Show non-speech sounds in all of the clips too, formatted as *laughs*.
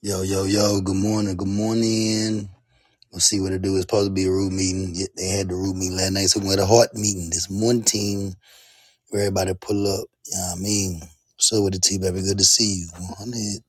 Yo, yo, yo, good morning, good morning. Let's see what it do. It's supposed to be a root meeting. Yet They had the root meeting last night, so we had a heart meeting. This one team where everybody pull up. You know what I mean? So with the team, baby, good to see you. 100.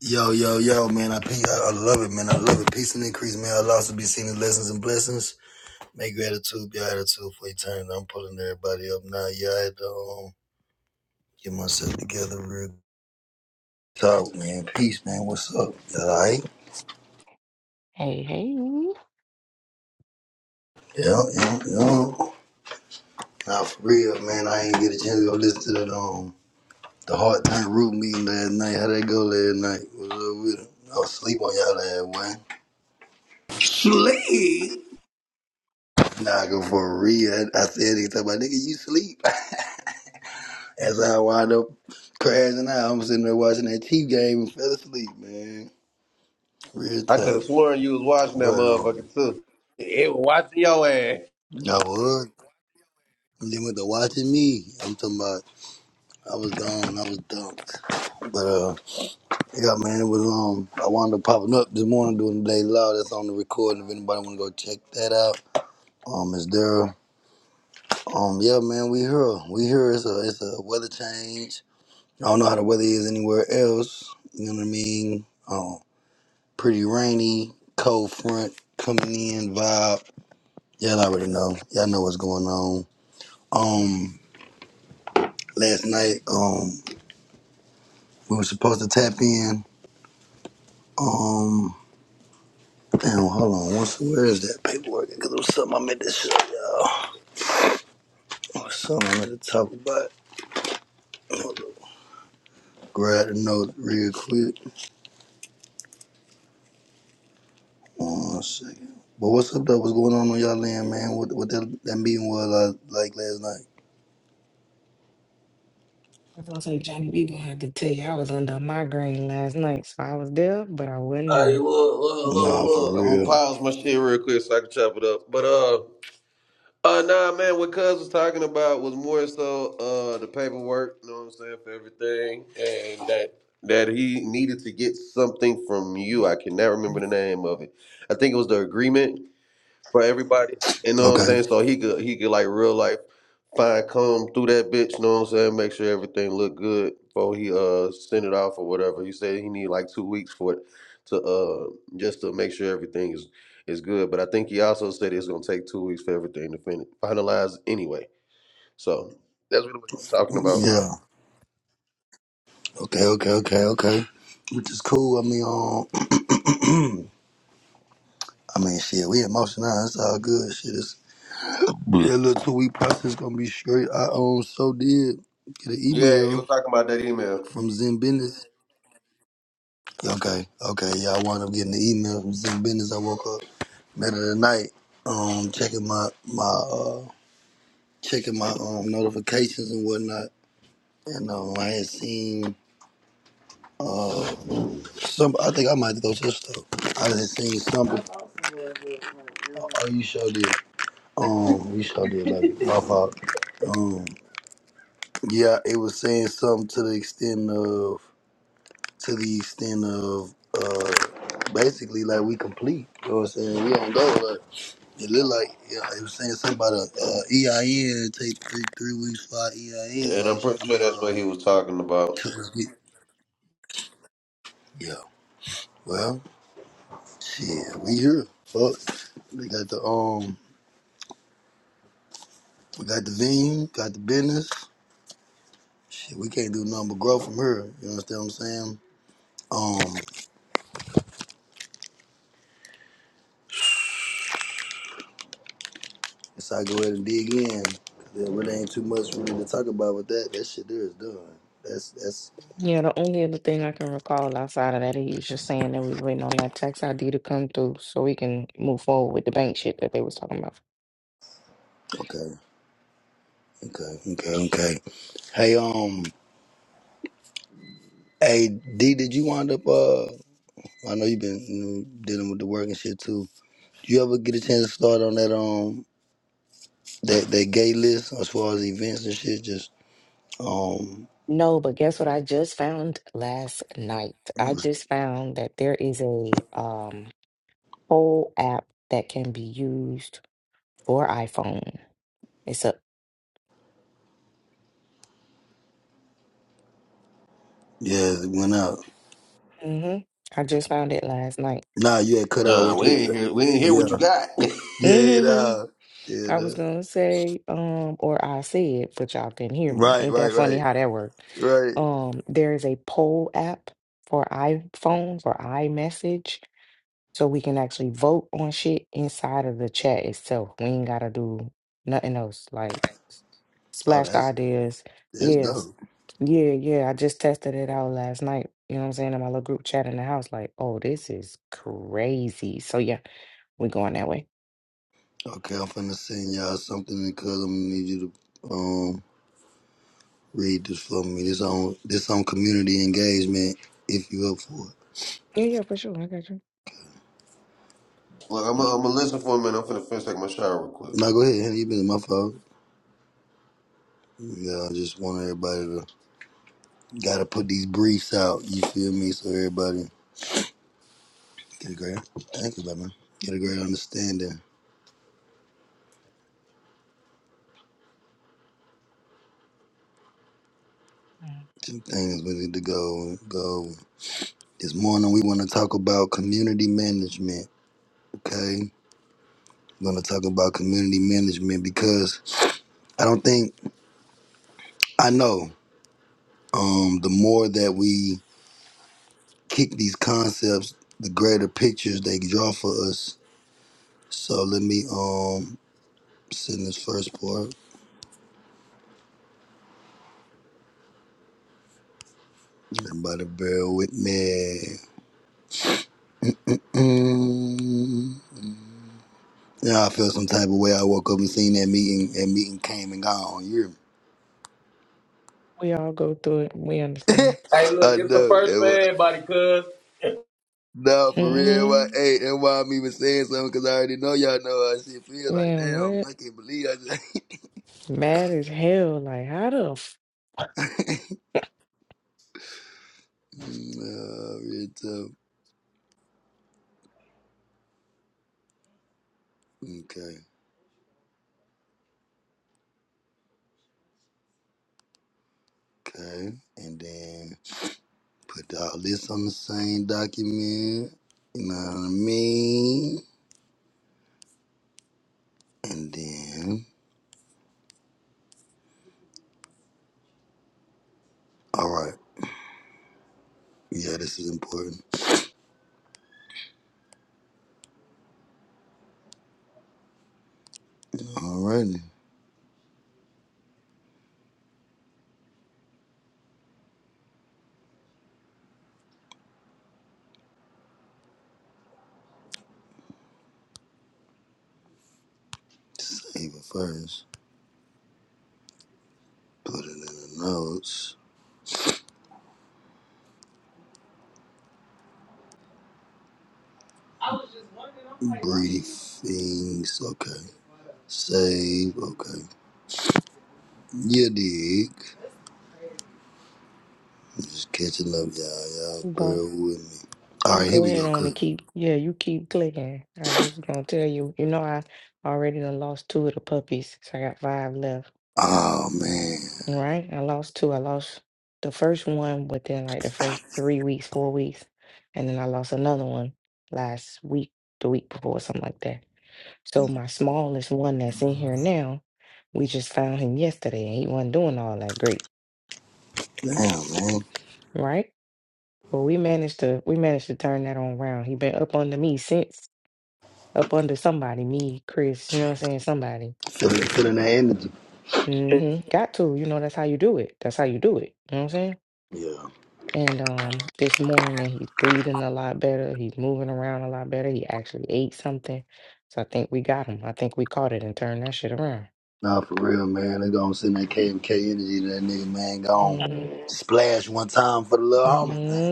Yo, yo, yo, man, I, pe- I I love it, man. I love it. Peace and increase, man. Allah to be seen as lessons and blessings. Make gratitude be attitude for eternity. I'm pulling everybody up now. Yeah, I had to um, get myself together real talk, man. Peace, man. What's up? You all right? Hey, hey. Yeah, yeah, yeah. Nah, for real, man. I ain't get a chance to go listen to that um the hard time root meeting last night. How that go last night? What's up with it? I was sleep on y'all last one. Sleep. Nah, I go for real. I, I said it to my nigga, you sleep. *laughs* That's how I wind up crashing out. I'm sitting there watching that Chief game and fell asleep, man. Real I could have talk. sworn you was watching that But um, motherfucker too. It was watching your ass. I was. And then with the watching me, I'm talking about I was gone, I was dunked. But uh, Yeah, man, it was um I wound up popping up this morning doing the day loud. That's on the recording. If anybody wanna go check that out. Um, is there um yeah man, we here. We here. It's a it's a weather change. I don't know how the weather is anywhere else. You know what I mean? Um pretty rainy, cold front coming in, vibe. Y'all already know. Y'all know what's going on. Um last night, um we were supposed to tap in. Um. Damn, hold on. What's, where is that paperwork? Because it was something I meant to show y'all. It was something I meant to talk about. Hold up. Grab the note real quick. One second. But what's up, though? What's going on on y'all end, man? What, what that, that meeting was uh, like last night? I was gonna say Johnny B gonna have to tell you I was under a migraine last night, so I was there, but I wasn't Hey, there. look, look, look, Nah, for look. I'm gonna real. pause my shit real quick so I can chop it up. But uh, uh, nah, man. What Cuz was talking about was more so uh the paperwork. You know what I'm saying for everything, and that that he needed to get something from you. I can never remember the name of it. I think it was the agreement for everybody. You know what I'm Okay. saying? So he could he could like real life fine comb through that bitch, you know what I'm saying? Make sure everything look good before he uh send it off or whatever. He said he need like two weeks for it to uh just to make sure everything is is good. But I think he also said it's gonna take two weeks for everything to finish finalize anyway. So that's really what he was talking about. Yeah. Okay, okay, okay, okay. Which is cool. I mean, um, *clears throat* I mean, shit, we emotional. It's all good. Shit, it's, that little two week process gonna be straight. I um, so did get an Yeah, he email was talking about that email. from Zen Business Okay, okay. Yeah, I wound up getting the email from some business. I woke up middle of the night, um, checking my my uh checking my um notifications and whatnot. And um I had seen uh some I think I might have to go to the store. I had seen something Oh you sure did. Um you sure did baby. My fault. Um yeah, it was saying something to the extent of to the extent of uh basically like we complete. You know what I'm saying? We on go like It looked like yeah, it was saying something about a uh, EIN take three, three weeks for our EIN And I'm action. pretty I sure mean, that's what uh, he was talking about. to- yeah. Well, shit, we here. Fuck, we got the um, we got the vein, got the business. Shit, we can't do nothing but grow from here. You understand what I'm saying? Um, so I go ahead and dig in. 'cause There really ain't too much really to talk about with that. That shit there is done. That's that's Yeah, the only other thing I can recall outside of that, he was just saying that we was waiting on that tax ID to come through so we can move forward with the bank shit that they was talking about. okay, okay, okay, okay. Hey, um, hey D, did you wind up? uh? I know you've been you know, dealing with the work and shit too. Do you ever get a chance to start on that um that that gay list as far as events and shit? Just um No, but guess what I just found last night? I just found that there is a um whole app that can be used for iPhone. It's a yeah, it went out. mm-hmm. I just found it last night. Nah, you had cut out Nah, what we you ain't hear we ain't hear yeah what you got. *laughs* yeah hmm nah. yeah I was nah. gonna say, um, or I said, but y'all couldn't hear me. right Ain't right that funny right how that worked? right. Um, there is a poll app for iPhone for iMessage, so we can actually vote on shit inside of the chat itself. We ain't gotta do nothing else. Like Oh, Splashed that's ideas. that's Yes. dope. Yeah, yeah. I just tested it out last night. You know what I'm saying? In my little group chat in the house, like, oh, this is crazy. So yeah, we're going that way. Okay, I'm finna send y'all something because I'm gonna need you to um read this for me. This on this on community engagement. If you up for Yeah, yeah, for sure. I got you. Look, I'm gonna listen for a minute. I'm finna finish take my shower real quick. it. Now go ahead, Henry. You been in my fault. Yeah, I just want everybody to gotta put these briefs out. You feel me? So everybody get a great thank you, man. Get a great understanding. Mm. Two things we need to go go. over. This morning we want to talk about community management. Okay, we're gonna talk about community management because I don't think I know. Um, the more that we kick these concepts, the greater pictures they draw for us. So let me um send this first part. Everybody bear with me. Mm, yeah, I feel some type of way. I woke up and seen that meeting, and meeting came and gone. You We all go through it. We hear me? understand. Hey, *laughs* look, I it's the know. It first for was, everybody, cuz. no, for real. Why, hmm hey, and why I'm even saying something? Because I already know y'all know how shit feel. Like, Man, damn, what? I can't believe I just. *laughs* Mad as hell. Like, how the f- Mm, uh, real tough. Okay. Okay. And then put all this on the same document. You know what I mean? And then, all right. Yeah, this is important. All righty. Save it first. Put it in the notes. Briefings. Okay. Save. Okay. You dig. I'm just catching up, y'all. Y'all go? bear with me. All You right, here go we ahead go, on and Kurt. keep. Yeah, you keep clicking. I just gonna tell you. You know, I already done lost two of the puppies, so I got five left. Oh man. All Right. I lost two. I lost the first one within like the first three weeks, four weeks. And then I lost another one last week, the week before, something like that. So my smallest one that's in here now, we just found him yesterday and he wasn't doing all that great. Damn, man. Right? But we managed to we managed to turn that on around. He been up under me since up under somebody, me, Chris, you know what I'm saying? Somebody. Feeling, feeling that energy. hmm Got to, you know, that's how you do it. That's how you do it. You know what I'm saying? Yeah. And um, this morning he's breathing a lot better. He's moving around a lot better. He actually ate something. So I think we got him. I think we caught it and turned that shit around. Nah, for real, man. They gonna send that KMK energy to that nigga, man. Gone Mm-hmm. splash one time for the little homie, man.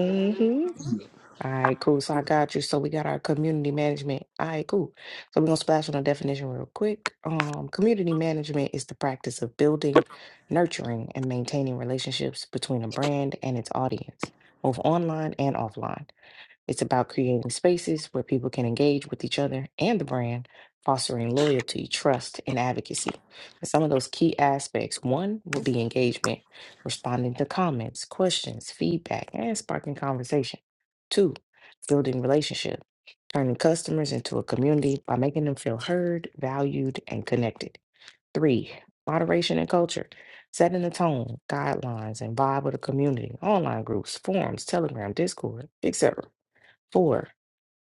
All right, cool. So I got you. So we got our community management. All right, cool. So we're gonna splash on a definition real quick. Um, community management is the practice of building, nurturing, and maintaining relationships between a brand and its audience, both online and offline. It's about creating spaces where people can engage with each other and the brand, fostering loyalty, trust, and advocacy. And some of those key aspects one would be engagement, responding to comments, questions, feedback, and sparking conversation. Two, building relationship, turning customers into a community by making them feel heard, valued, and connected. Three, moderation and culture, setting the tone, guidelines, and vibe of the community, online groups, forums, Telegram, Discord, etc. Four,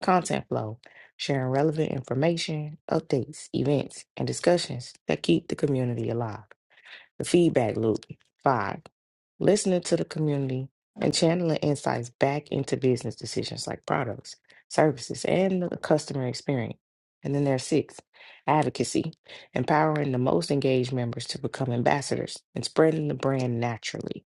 content flow, sharing relevant information, updates, events, and discussions that keep the community alive. The feedback loop. Five, listening to the community and channeling insights back into business decisions like products, services, and the customer experience. And then there's six, advocacy, empowering the most engaged members to become ambassadors and spreading the brand naturally.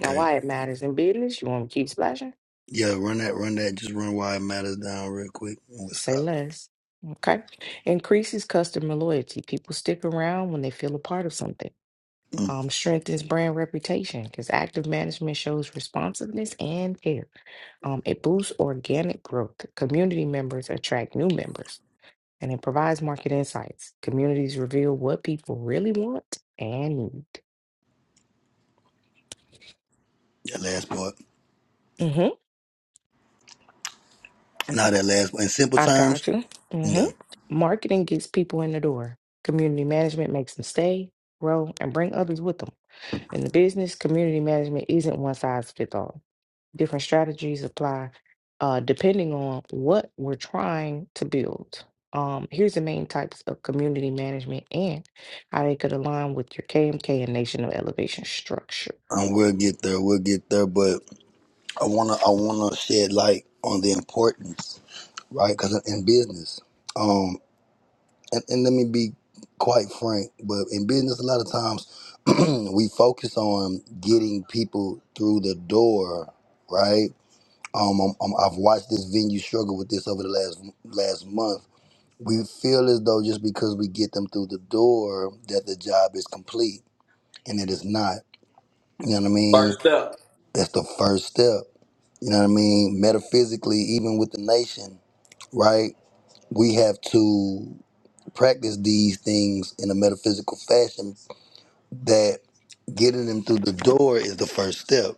Now, why it matters in business, you want to keep splashing? Yeah, run that, run that. Just run why it matters down real quick, and we'll Say stop. less. Okay. Increases customer loyalty. People stick around when they feel a part of something. Mm. Um, strengthens brand reputation because active management shows responsiveness and care. Um, it boosts organic growth. Community members attract new members and it provides market insights. Communities reveal what people really want and need. That last part. Mm-hmm. Now that last one, in simple I terms, got you. yeah, Mm-hmm. Marketing gets people in the door. Community management makes them stay, grow, and bring others with them. In the business, community management isn't one size fits all. Different strategies apply uh, depending on what we're trying to build. Um, here's the main types of community management and how they could align with your KMK and national elevation structure. um, we'll get there. We'll get there. But I wanna I wanna shed light on the importance, right? Because in business, um, and, and let me be quite frank, but in business, a lot of times *clears throat* we focus on getting people through the door, right? Um, um, um, I've watched this venue struggle with this over the last last month. We feel as though just because we get them through the door that the job is complete, and it is not You know what I mean? First up. That's the first step. You know what I mean? Metaphysically, even with the nation, right? We have to practice these things in a metaphysical fashion that getting them through the door is the first step,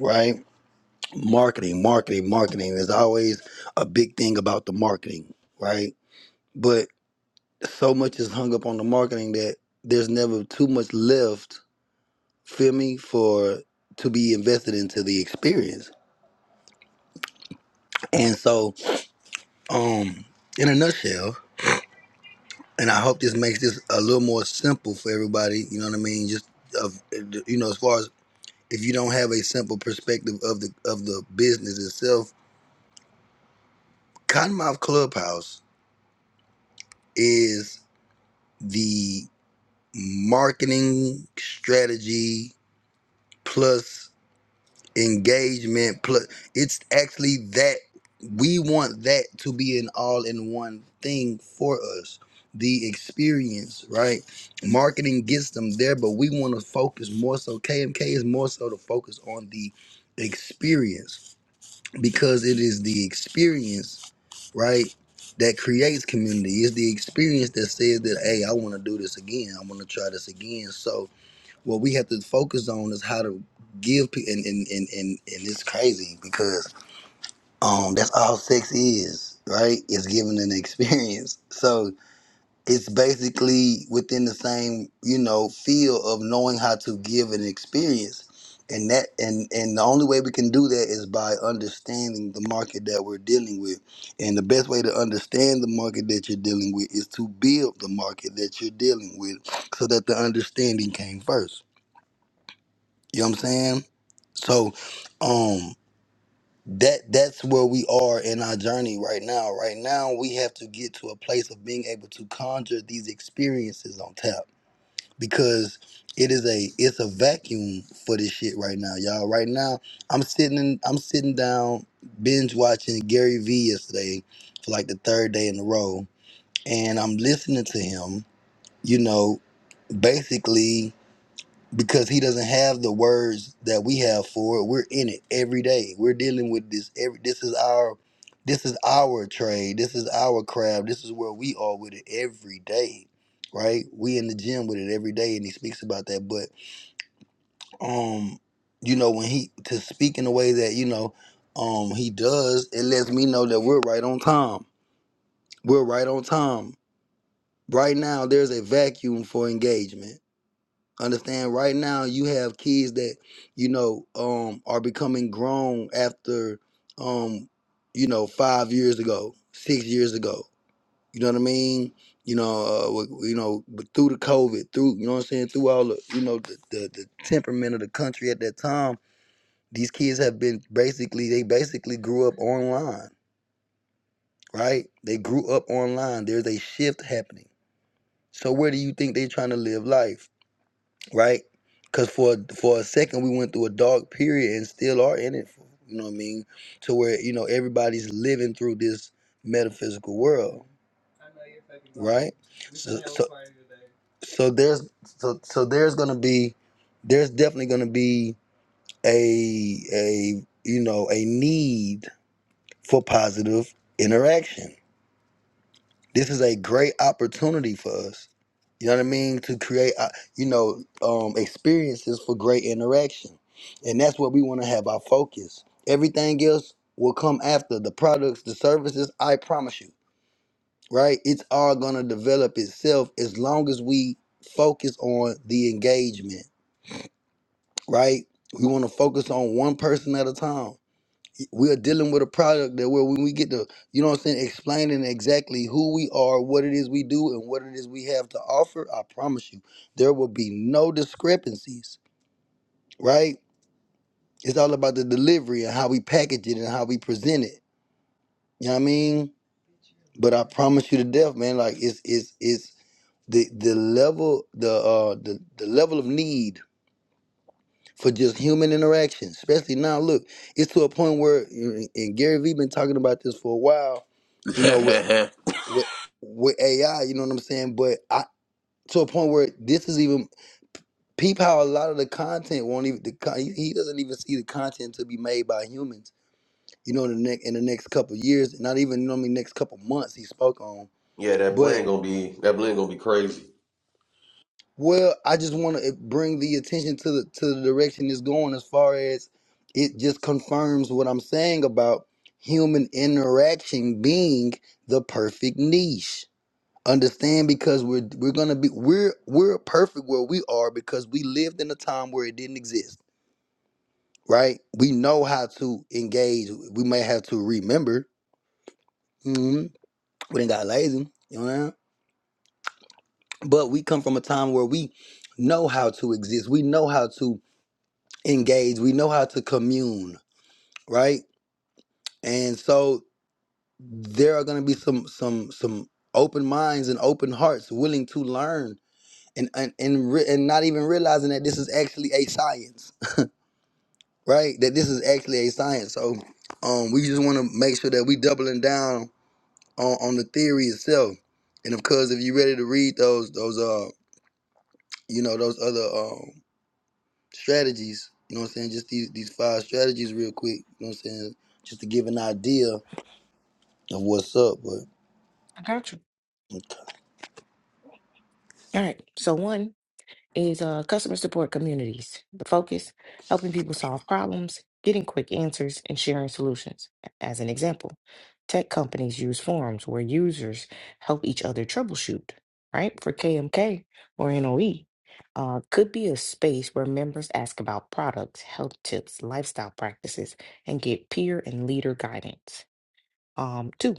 right? Marketing, marketing, marketing. There's always a big thing about the marketing, right? But so much is hung up on the marketing that there's never too much left, feel me, for to be invested into the experience. And so Um, in a nutshell, and I hope this makes this a little more simple for everybody. You know what I mean? Just of you know, as far as if you don't have a simple perspective of the of the business itself, Cottonmouth Clubhouse is the marketing strategy plus engagement plus it's actually that we want that to be an all-in-one thing for us the experience right marketing gets them there but we want to focus more so kmk is more so to focus on the experience because it is the experience right that creates community It's the experience that says that hey i want to do this again i want to try this again so what we have to focus on is how to give people and, and and and and it's crazy because um that's all sex is right it's giving an *laughs* experience so it's basically within the same you know field of knowing how to give an experience and that and and the only way we can do that is by understanding the market that we're dealing with and the best way to understand the market that you're dealing with is to build the market that you're dealing with so that the understanding came first you know what I'm saying? So um that that's where we are in our journey right now. Right now we have to get to a place of being able to conjure these experiences on tap because it is a it's a vacuum for this shit right now, y'all. Right now I'm sitting in, I'm sitting down binge watching Gary Vee yesterday for like the third day in a row and I'm listening to him, you know, basically because he doesn't have the words that we have for it. We're in it every day. We're dealing with this every this is our this is our trade. This is our craft. This is where we are with it every day. Right? We in the gym with it every day and he speaks about that. But um, you know, when he to speak in the way that, you know, um he does, it lets me know that we're right on time. We're right on time. Right now there's a vacuum for engagement Understand right now you have kids that, you know, um are becoming grown after um, you know, five years ago, six years ago. You know what I mean? You know, uh, w- you know, but through the COVID, through you know what I'm saying, through all the you know the, the the temperament of the country at that time, these kids have been basically they basically grew up online, right? They grew up online. There's a shift happening. So where do you think they're trying to live life? right? Because for for a second we went through a dark period and still are in it. You know what I mean? To where you know everybody's living through this metaphysical world, right? So, so, so there's so so there's gonna be there's definitely gonna be a a you know a need for positive interaction this is a great opportunity for us. You know what I mean? To create, uh, you know, um, experiences for great interaction, and that's what we want to have our focus. Everything else will come after the products, the services. I promise you, right? It's all gonna develop itself as long as we focus on the engagement, right? We want to focus on one person at a time we are dealing with a product that where when we get to you know what I'm saying explaining exactly who we are, what it is we do, and what it is we have to offer, I promise you there will be no discrepancies, right? It's all about the delivery and how we package it and how we present it. You know what I mean? But I promise you to death, man, like it's it's it's the the level the uh the, the level of need for just human interaction, especially now look, it's to a point where and Gary Vee been talking about this for a while you know, *laughs* with with AI, you know what I'm saying? But I to a point where this is even peep how a lot of the content won't even the con- he he doesn't even see the content to be made by humans. You know, in the next in the next couple of years, not even normally next couple of months he spoke on. Yeah, that But blend gonna be that blend gonna be crazy. well, I just want to bring the attention to the to the direction it's going as far as it just confirms what I'm saying about human interaction being the perfect niche. Understand because we're we're gonna be we're we're perfect where we are because we lived in a time where it didn't exist, right? We know how to engage. We may have to remember. hmm We didn't got lazy, you know. What I mean? But we come from a time where we know how to exist. We know how to engage. We know how to commune, right? And so there are gonna be some some some open minds and open hearts willing to learn and and and, re- and not even realizing that this is actually a science, *laughs* right? That this is actually a science. So, um, we just want to make sure that we doubling down on, on the theory itself. And of course, if you're ready to read those those uh you know those other um strategies, you know what I'm saying? Just these these five strategies real quick, you know what I'm saying? Just to give an idea of what's up, but I got you. All right. So, one is uh, customer support communities. The focus helping people solve problems, getting quick answers, and sharing solutions. As an example, tech companies use forums where users help each other troubleshoot, right? For KMK or NOE, uh, could be a space where members ask about products, health tips, lifestyle practices, and get peer and leader guidance um, two,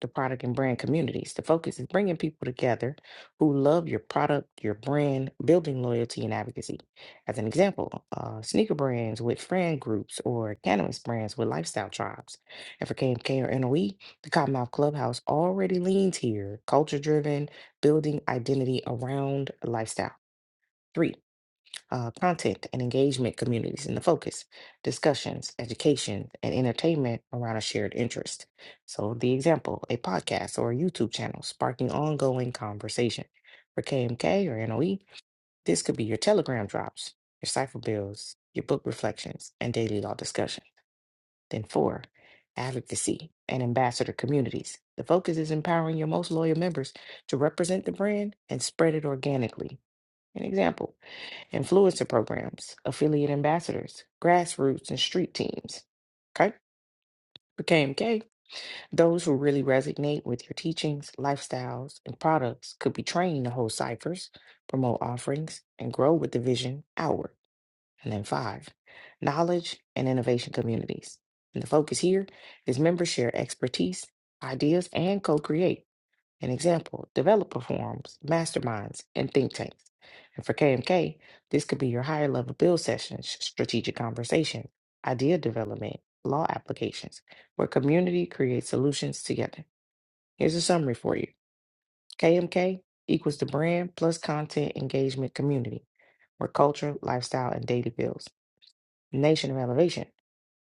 the product and brand communities. The focus is bringing people together who love your product, your brand, building loyalty and advocacy. As an example, uh, sneaker brands with friend groups or cannabis brands with lifestyle tribes. And for KMK or NOE, the Cottonmouth Clubhouse already leans here, culture driven, building identity around lifestyle. Three, uh, content and engagement communities in the focus, discussions, education, and entertainment around a shared interest. So, the example, a podcast or a YouTube channel sparking ongoing conversation. For KMK or NOE, this could be your telegram drops, your cipher bills, your book reflections, and daily law discussion. Then, four, advocacy and ambassador communities. The focus is empowering your most loyal members to represent the brand and spread it organically. An example influencer programs, affiliate ambassadors, grassroots, and street teams. Okay? For KMK, those who really resonate with your teachings, lifestyles, and products could be trained to hold ciphers, promote offerings, and grow with the vision outward. And then five, knowledge and innovation communities. And the focus here is members share expertise, ideas, and co create an example, developer forums, masterminds, and think tanks. And for KMK, this could be your higher level build sessions, strategic conversation, idea development, law applications, where community creates solutions together. Here's a summary for you. KMK equals the brand plus content engagement community, where culture, lifestyle, and data builds. Nation of Elevation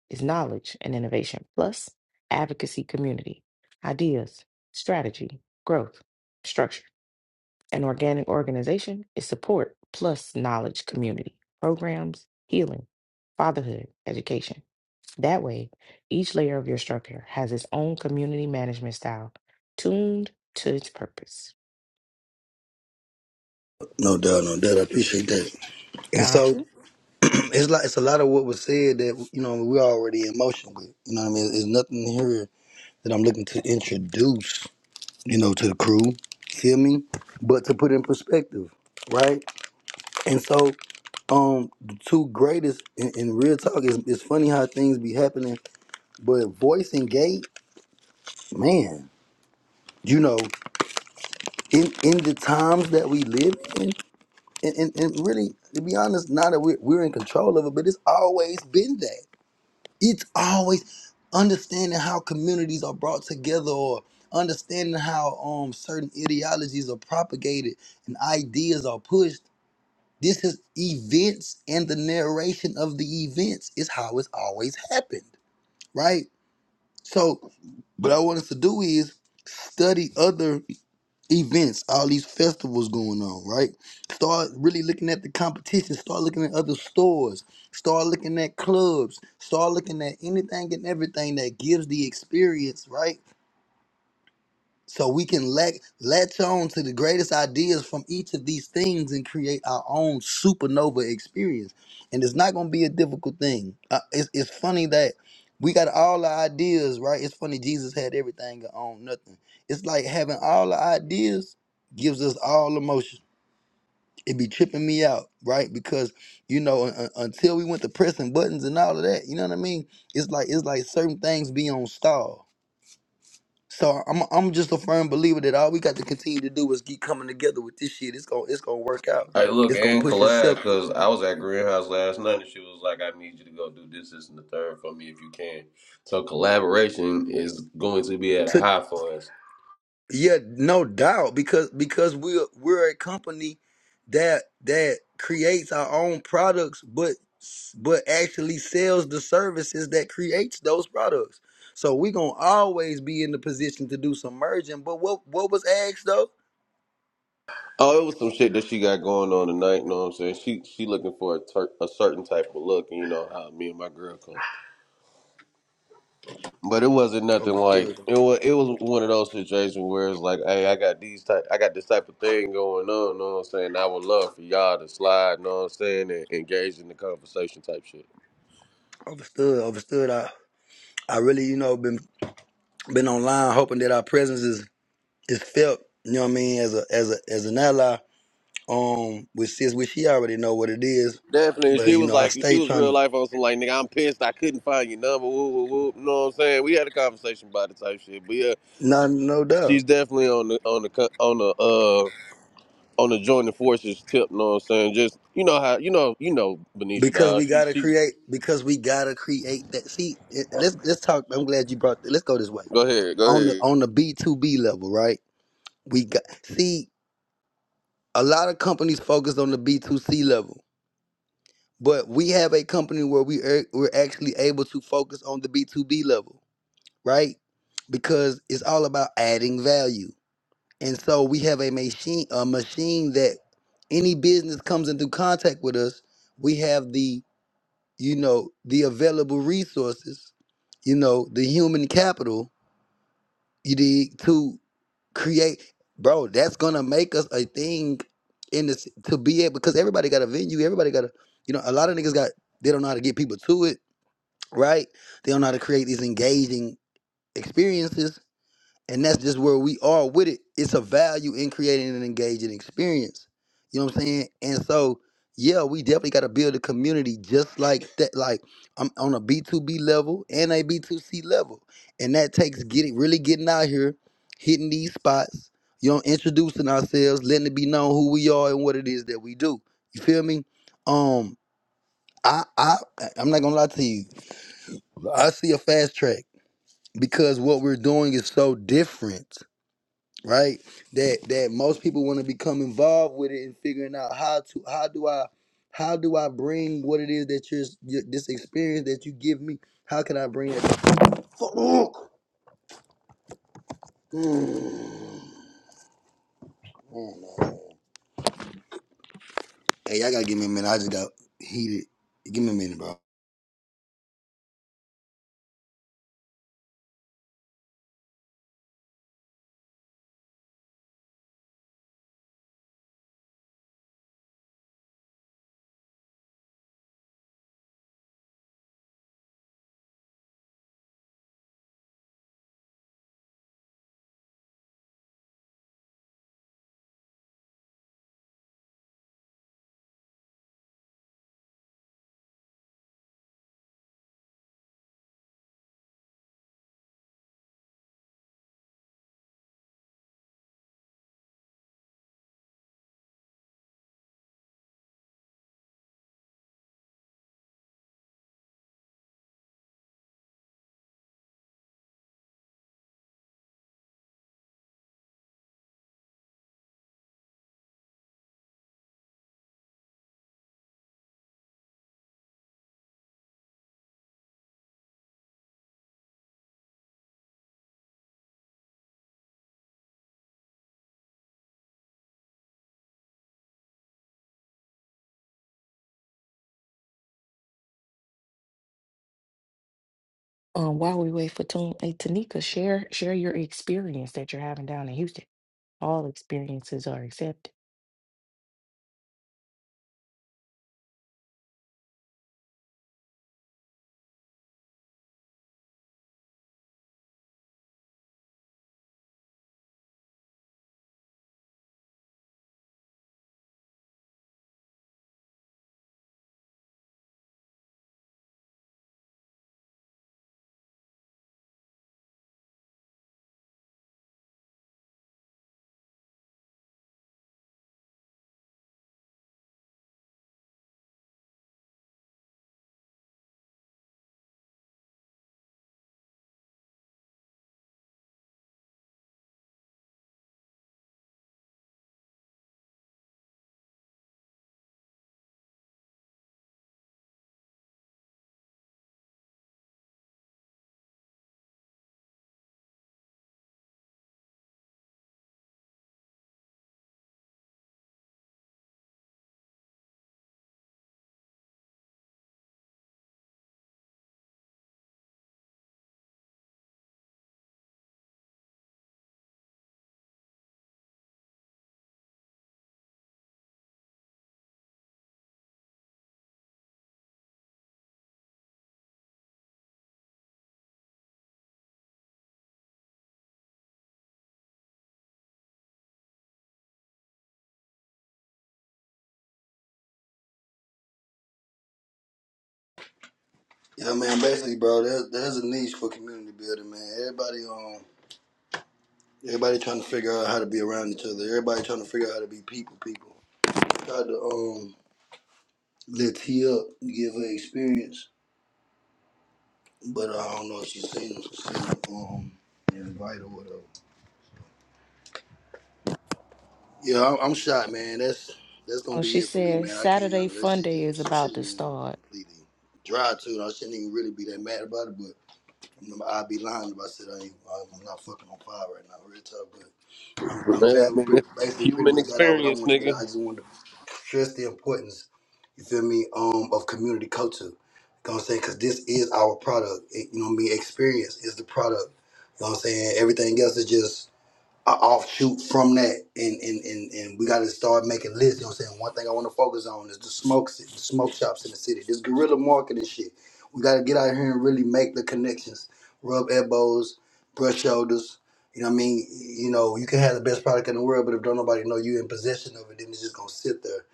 is knowledge and innovation plus advocacy community, ideas, strategy, growth, structure. An organic organization is support plus knowledge community, programs, healing, fatherhood, education. That way, each layer of your structure has its own community management style tuned to its purpose. no doubt, no doubt, I appreciate that. And Got so you. It's like it's a lot of what was said that you know we're already in motion with. You know what I mean? There's nothing here that I'm looking to introduce, you know, to the crew. Feel me? But to put in perspective, right? And so, um, the two greatest in, in real talk is it's funny how things be happening, but voice and gate, man, you know, in in the times that we live in, and, and, and really, to be honest, now that we're we're in control of it, but it's always been that. it's always understanding how communities are brought together or understanding how um certain ideologies are propagated and ideas are pushed this is events and the narration of the events is how it's always happened right so what i want us to do is study other events, all these festivals going on, right? Start really looking at the competition, start looking at other stores, start looking at clubs, start looking at anything and everything that gives the experience, right? So we can let latch on to the greatest ideas from each of these things and create our own supernova experience. And it's not going to be a difficult thing. Uh, it's, it's funny that we got all our ideas, right? It's funny Jesus had everything and owned nothing. It's like having all the ideas gives us all emotion. It be tripping me out, right? Because you know, un- un- until we went to pressing buttons and all of that, you know what I mean? It's like it's like certain things be on stall so I'm I'm just a firm believer that all we got to continue to do is keep coming together with this shit. It's gonna it's gonna work out. Hey, look, It's gonna and push collab, itself cause I was at Greenhouse last night and she was like, "I need you to go do this, this, and the third for me if you can." So collaboration is going to be at a to high for us. yeah, no doubt because because we're we're a company that that creates our own products, but but actually sells the services that creates those products. So we gonna always be in the position to do some merging. But what what was asked though? Oh, it was some shit that she got going on tonight. You know what I'm saying? She she looking for a, ter- a certain type of look, and you know how me and my girl come. But it wasn't nothing like Overstood, it was. It was one of those situations where it's like, hey, I got these type, I got this type of thing going on. Know what I'm saying? I would love for y'all to slide. Know what I'm saying? And engage in the conversation type shit. overstood, overstood. I I really you know been been online hoping that our presence is is felt, you know what I mean, as a as a as an ally, um, which sis which he already know what it is. Definitely, But she you was know, I like, she stay was trying real to life on some like, nigga, I'm pissed. I couldn't find your number. Woo, woo, woo. Know what I'm saying? We had a conversation about it type shit. But yeah, no she, no doubt. she's definitely on the on the co- on the uh on the joining forces tip. Know what I'm saying? Just you know how you know you know Benicia. Because we Dawes. She gotta she create because we gotta create that see it- let's let's talk I'm glad you brought let's go this way. go ahead, go On the ahead. on the B two B level, right? We got see a lot of companies focus on the B two C level. But we have a company where we are, we're actually able to focus on the B two B level right? Because it's all about adding value. And so we have a machine, a machine that any business comes into contact with us, we have the, you know, the available resources, you know, the human capital, you dig, to create, bro, that's gonna make us a thing in this to be able because everybody got a venue, everybody got a, you know, a lot of niggas got they don't know how to get people to it, right? They don't know how to create these engaging experiences And that's just where we are with it. It's a value in creating an engaging experience. You know what I'm saying? And so, yeah, we definitely got to build a community just like that, like I'm on a B2B level and a B2C level. And that takes getting really getting out here, hitting these spots, you know, introducing ourselves, letting it be known who we are and what it is that we do. You feel me? Um, I I I'm not gonna lie to you. I see a fast track because what we're doing is so different right? That that most people want to become involved with it and figuring out how to how do I how do I bring what it is that you're your, this experience that you give me? How can I bring it? Fuck. Mm. Hey, y'all gotta give me a minute. I just got heated. Give me a minute, bro. Um, while we wait for Tune, hey, Tanika, share share your experience that you're having down in Houston. All experiences are accepted. Yeah, man. Basically, bro, there's there's a niche for community building, man. Everybody um, everybody trying to figure out how to be around each other. Everybody trying to figure out how to be people, people. Try to um, lift T up, give her experience but uh, I don't know if she's seen, seen um invite or whatever. Yeah, I'm, I'm shot, man. That's that's gonna Oh, she be it for me, says man. I can't. uh, Saturday That Fun shit Day is just some shit about just to made me start. completely dry to it. I shouldn't even really be that mad about it, but I'm, I'd be lying if I said I ain't. I'm not fucking on fire right now, real talk. I'm, I'm Man, I glad we mean, pretty- that's basically pretty human much got out what I experience, want to get out. nigga. I just wanted to stress the importance, you feel me, um, of community culture. You know what I'm saying? Because this is our product. It- you know what I mean? Experience is the product. You know what I'm saying? Everything else is just a offshoot from that and and and, and we got to start making lists you know what i'm saying one thing i want to focus on is the smoke si- the smoke shops in the city this guerrilla marketing shit we got to get out here and really make the connections rub elbows brush shoulders you know what i mean you know you can have the best product in the world but if don't nobody know you in possession of it then it's just gonna sit there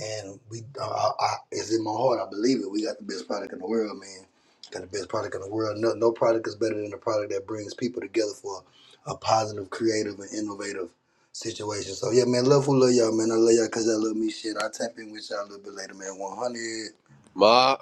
and we uh, I, I, it's in my heart i believe it we got the best product in the world man got the best product in the world no, no product is better than the product that brings people together for a positive, creative, and innovative situation. So yeah, man, love who love y'all, man. I love y'all because y'all love me. Shit, I'll tap in with y'all a little bit later, man. 100. My,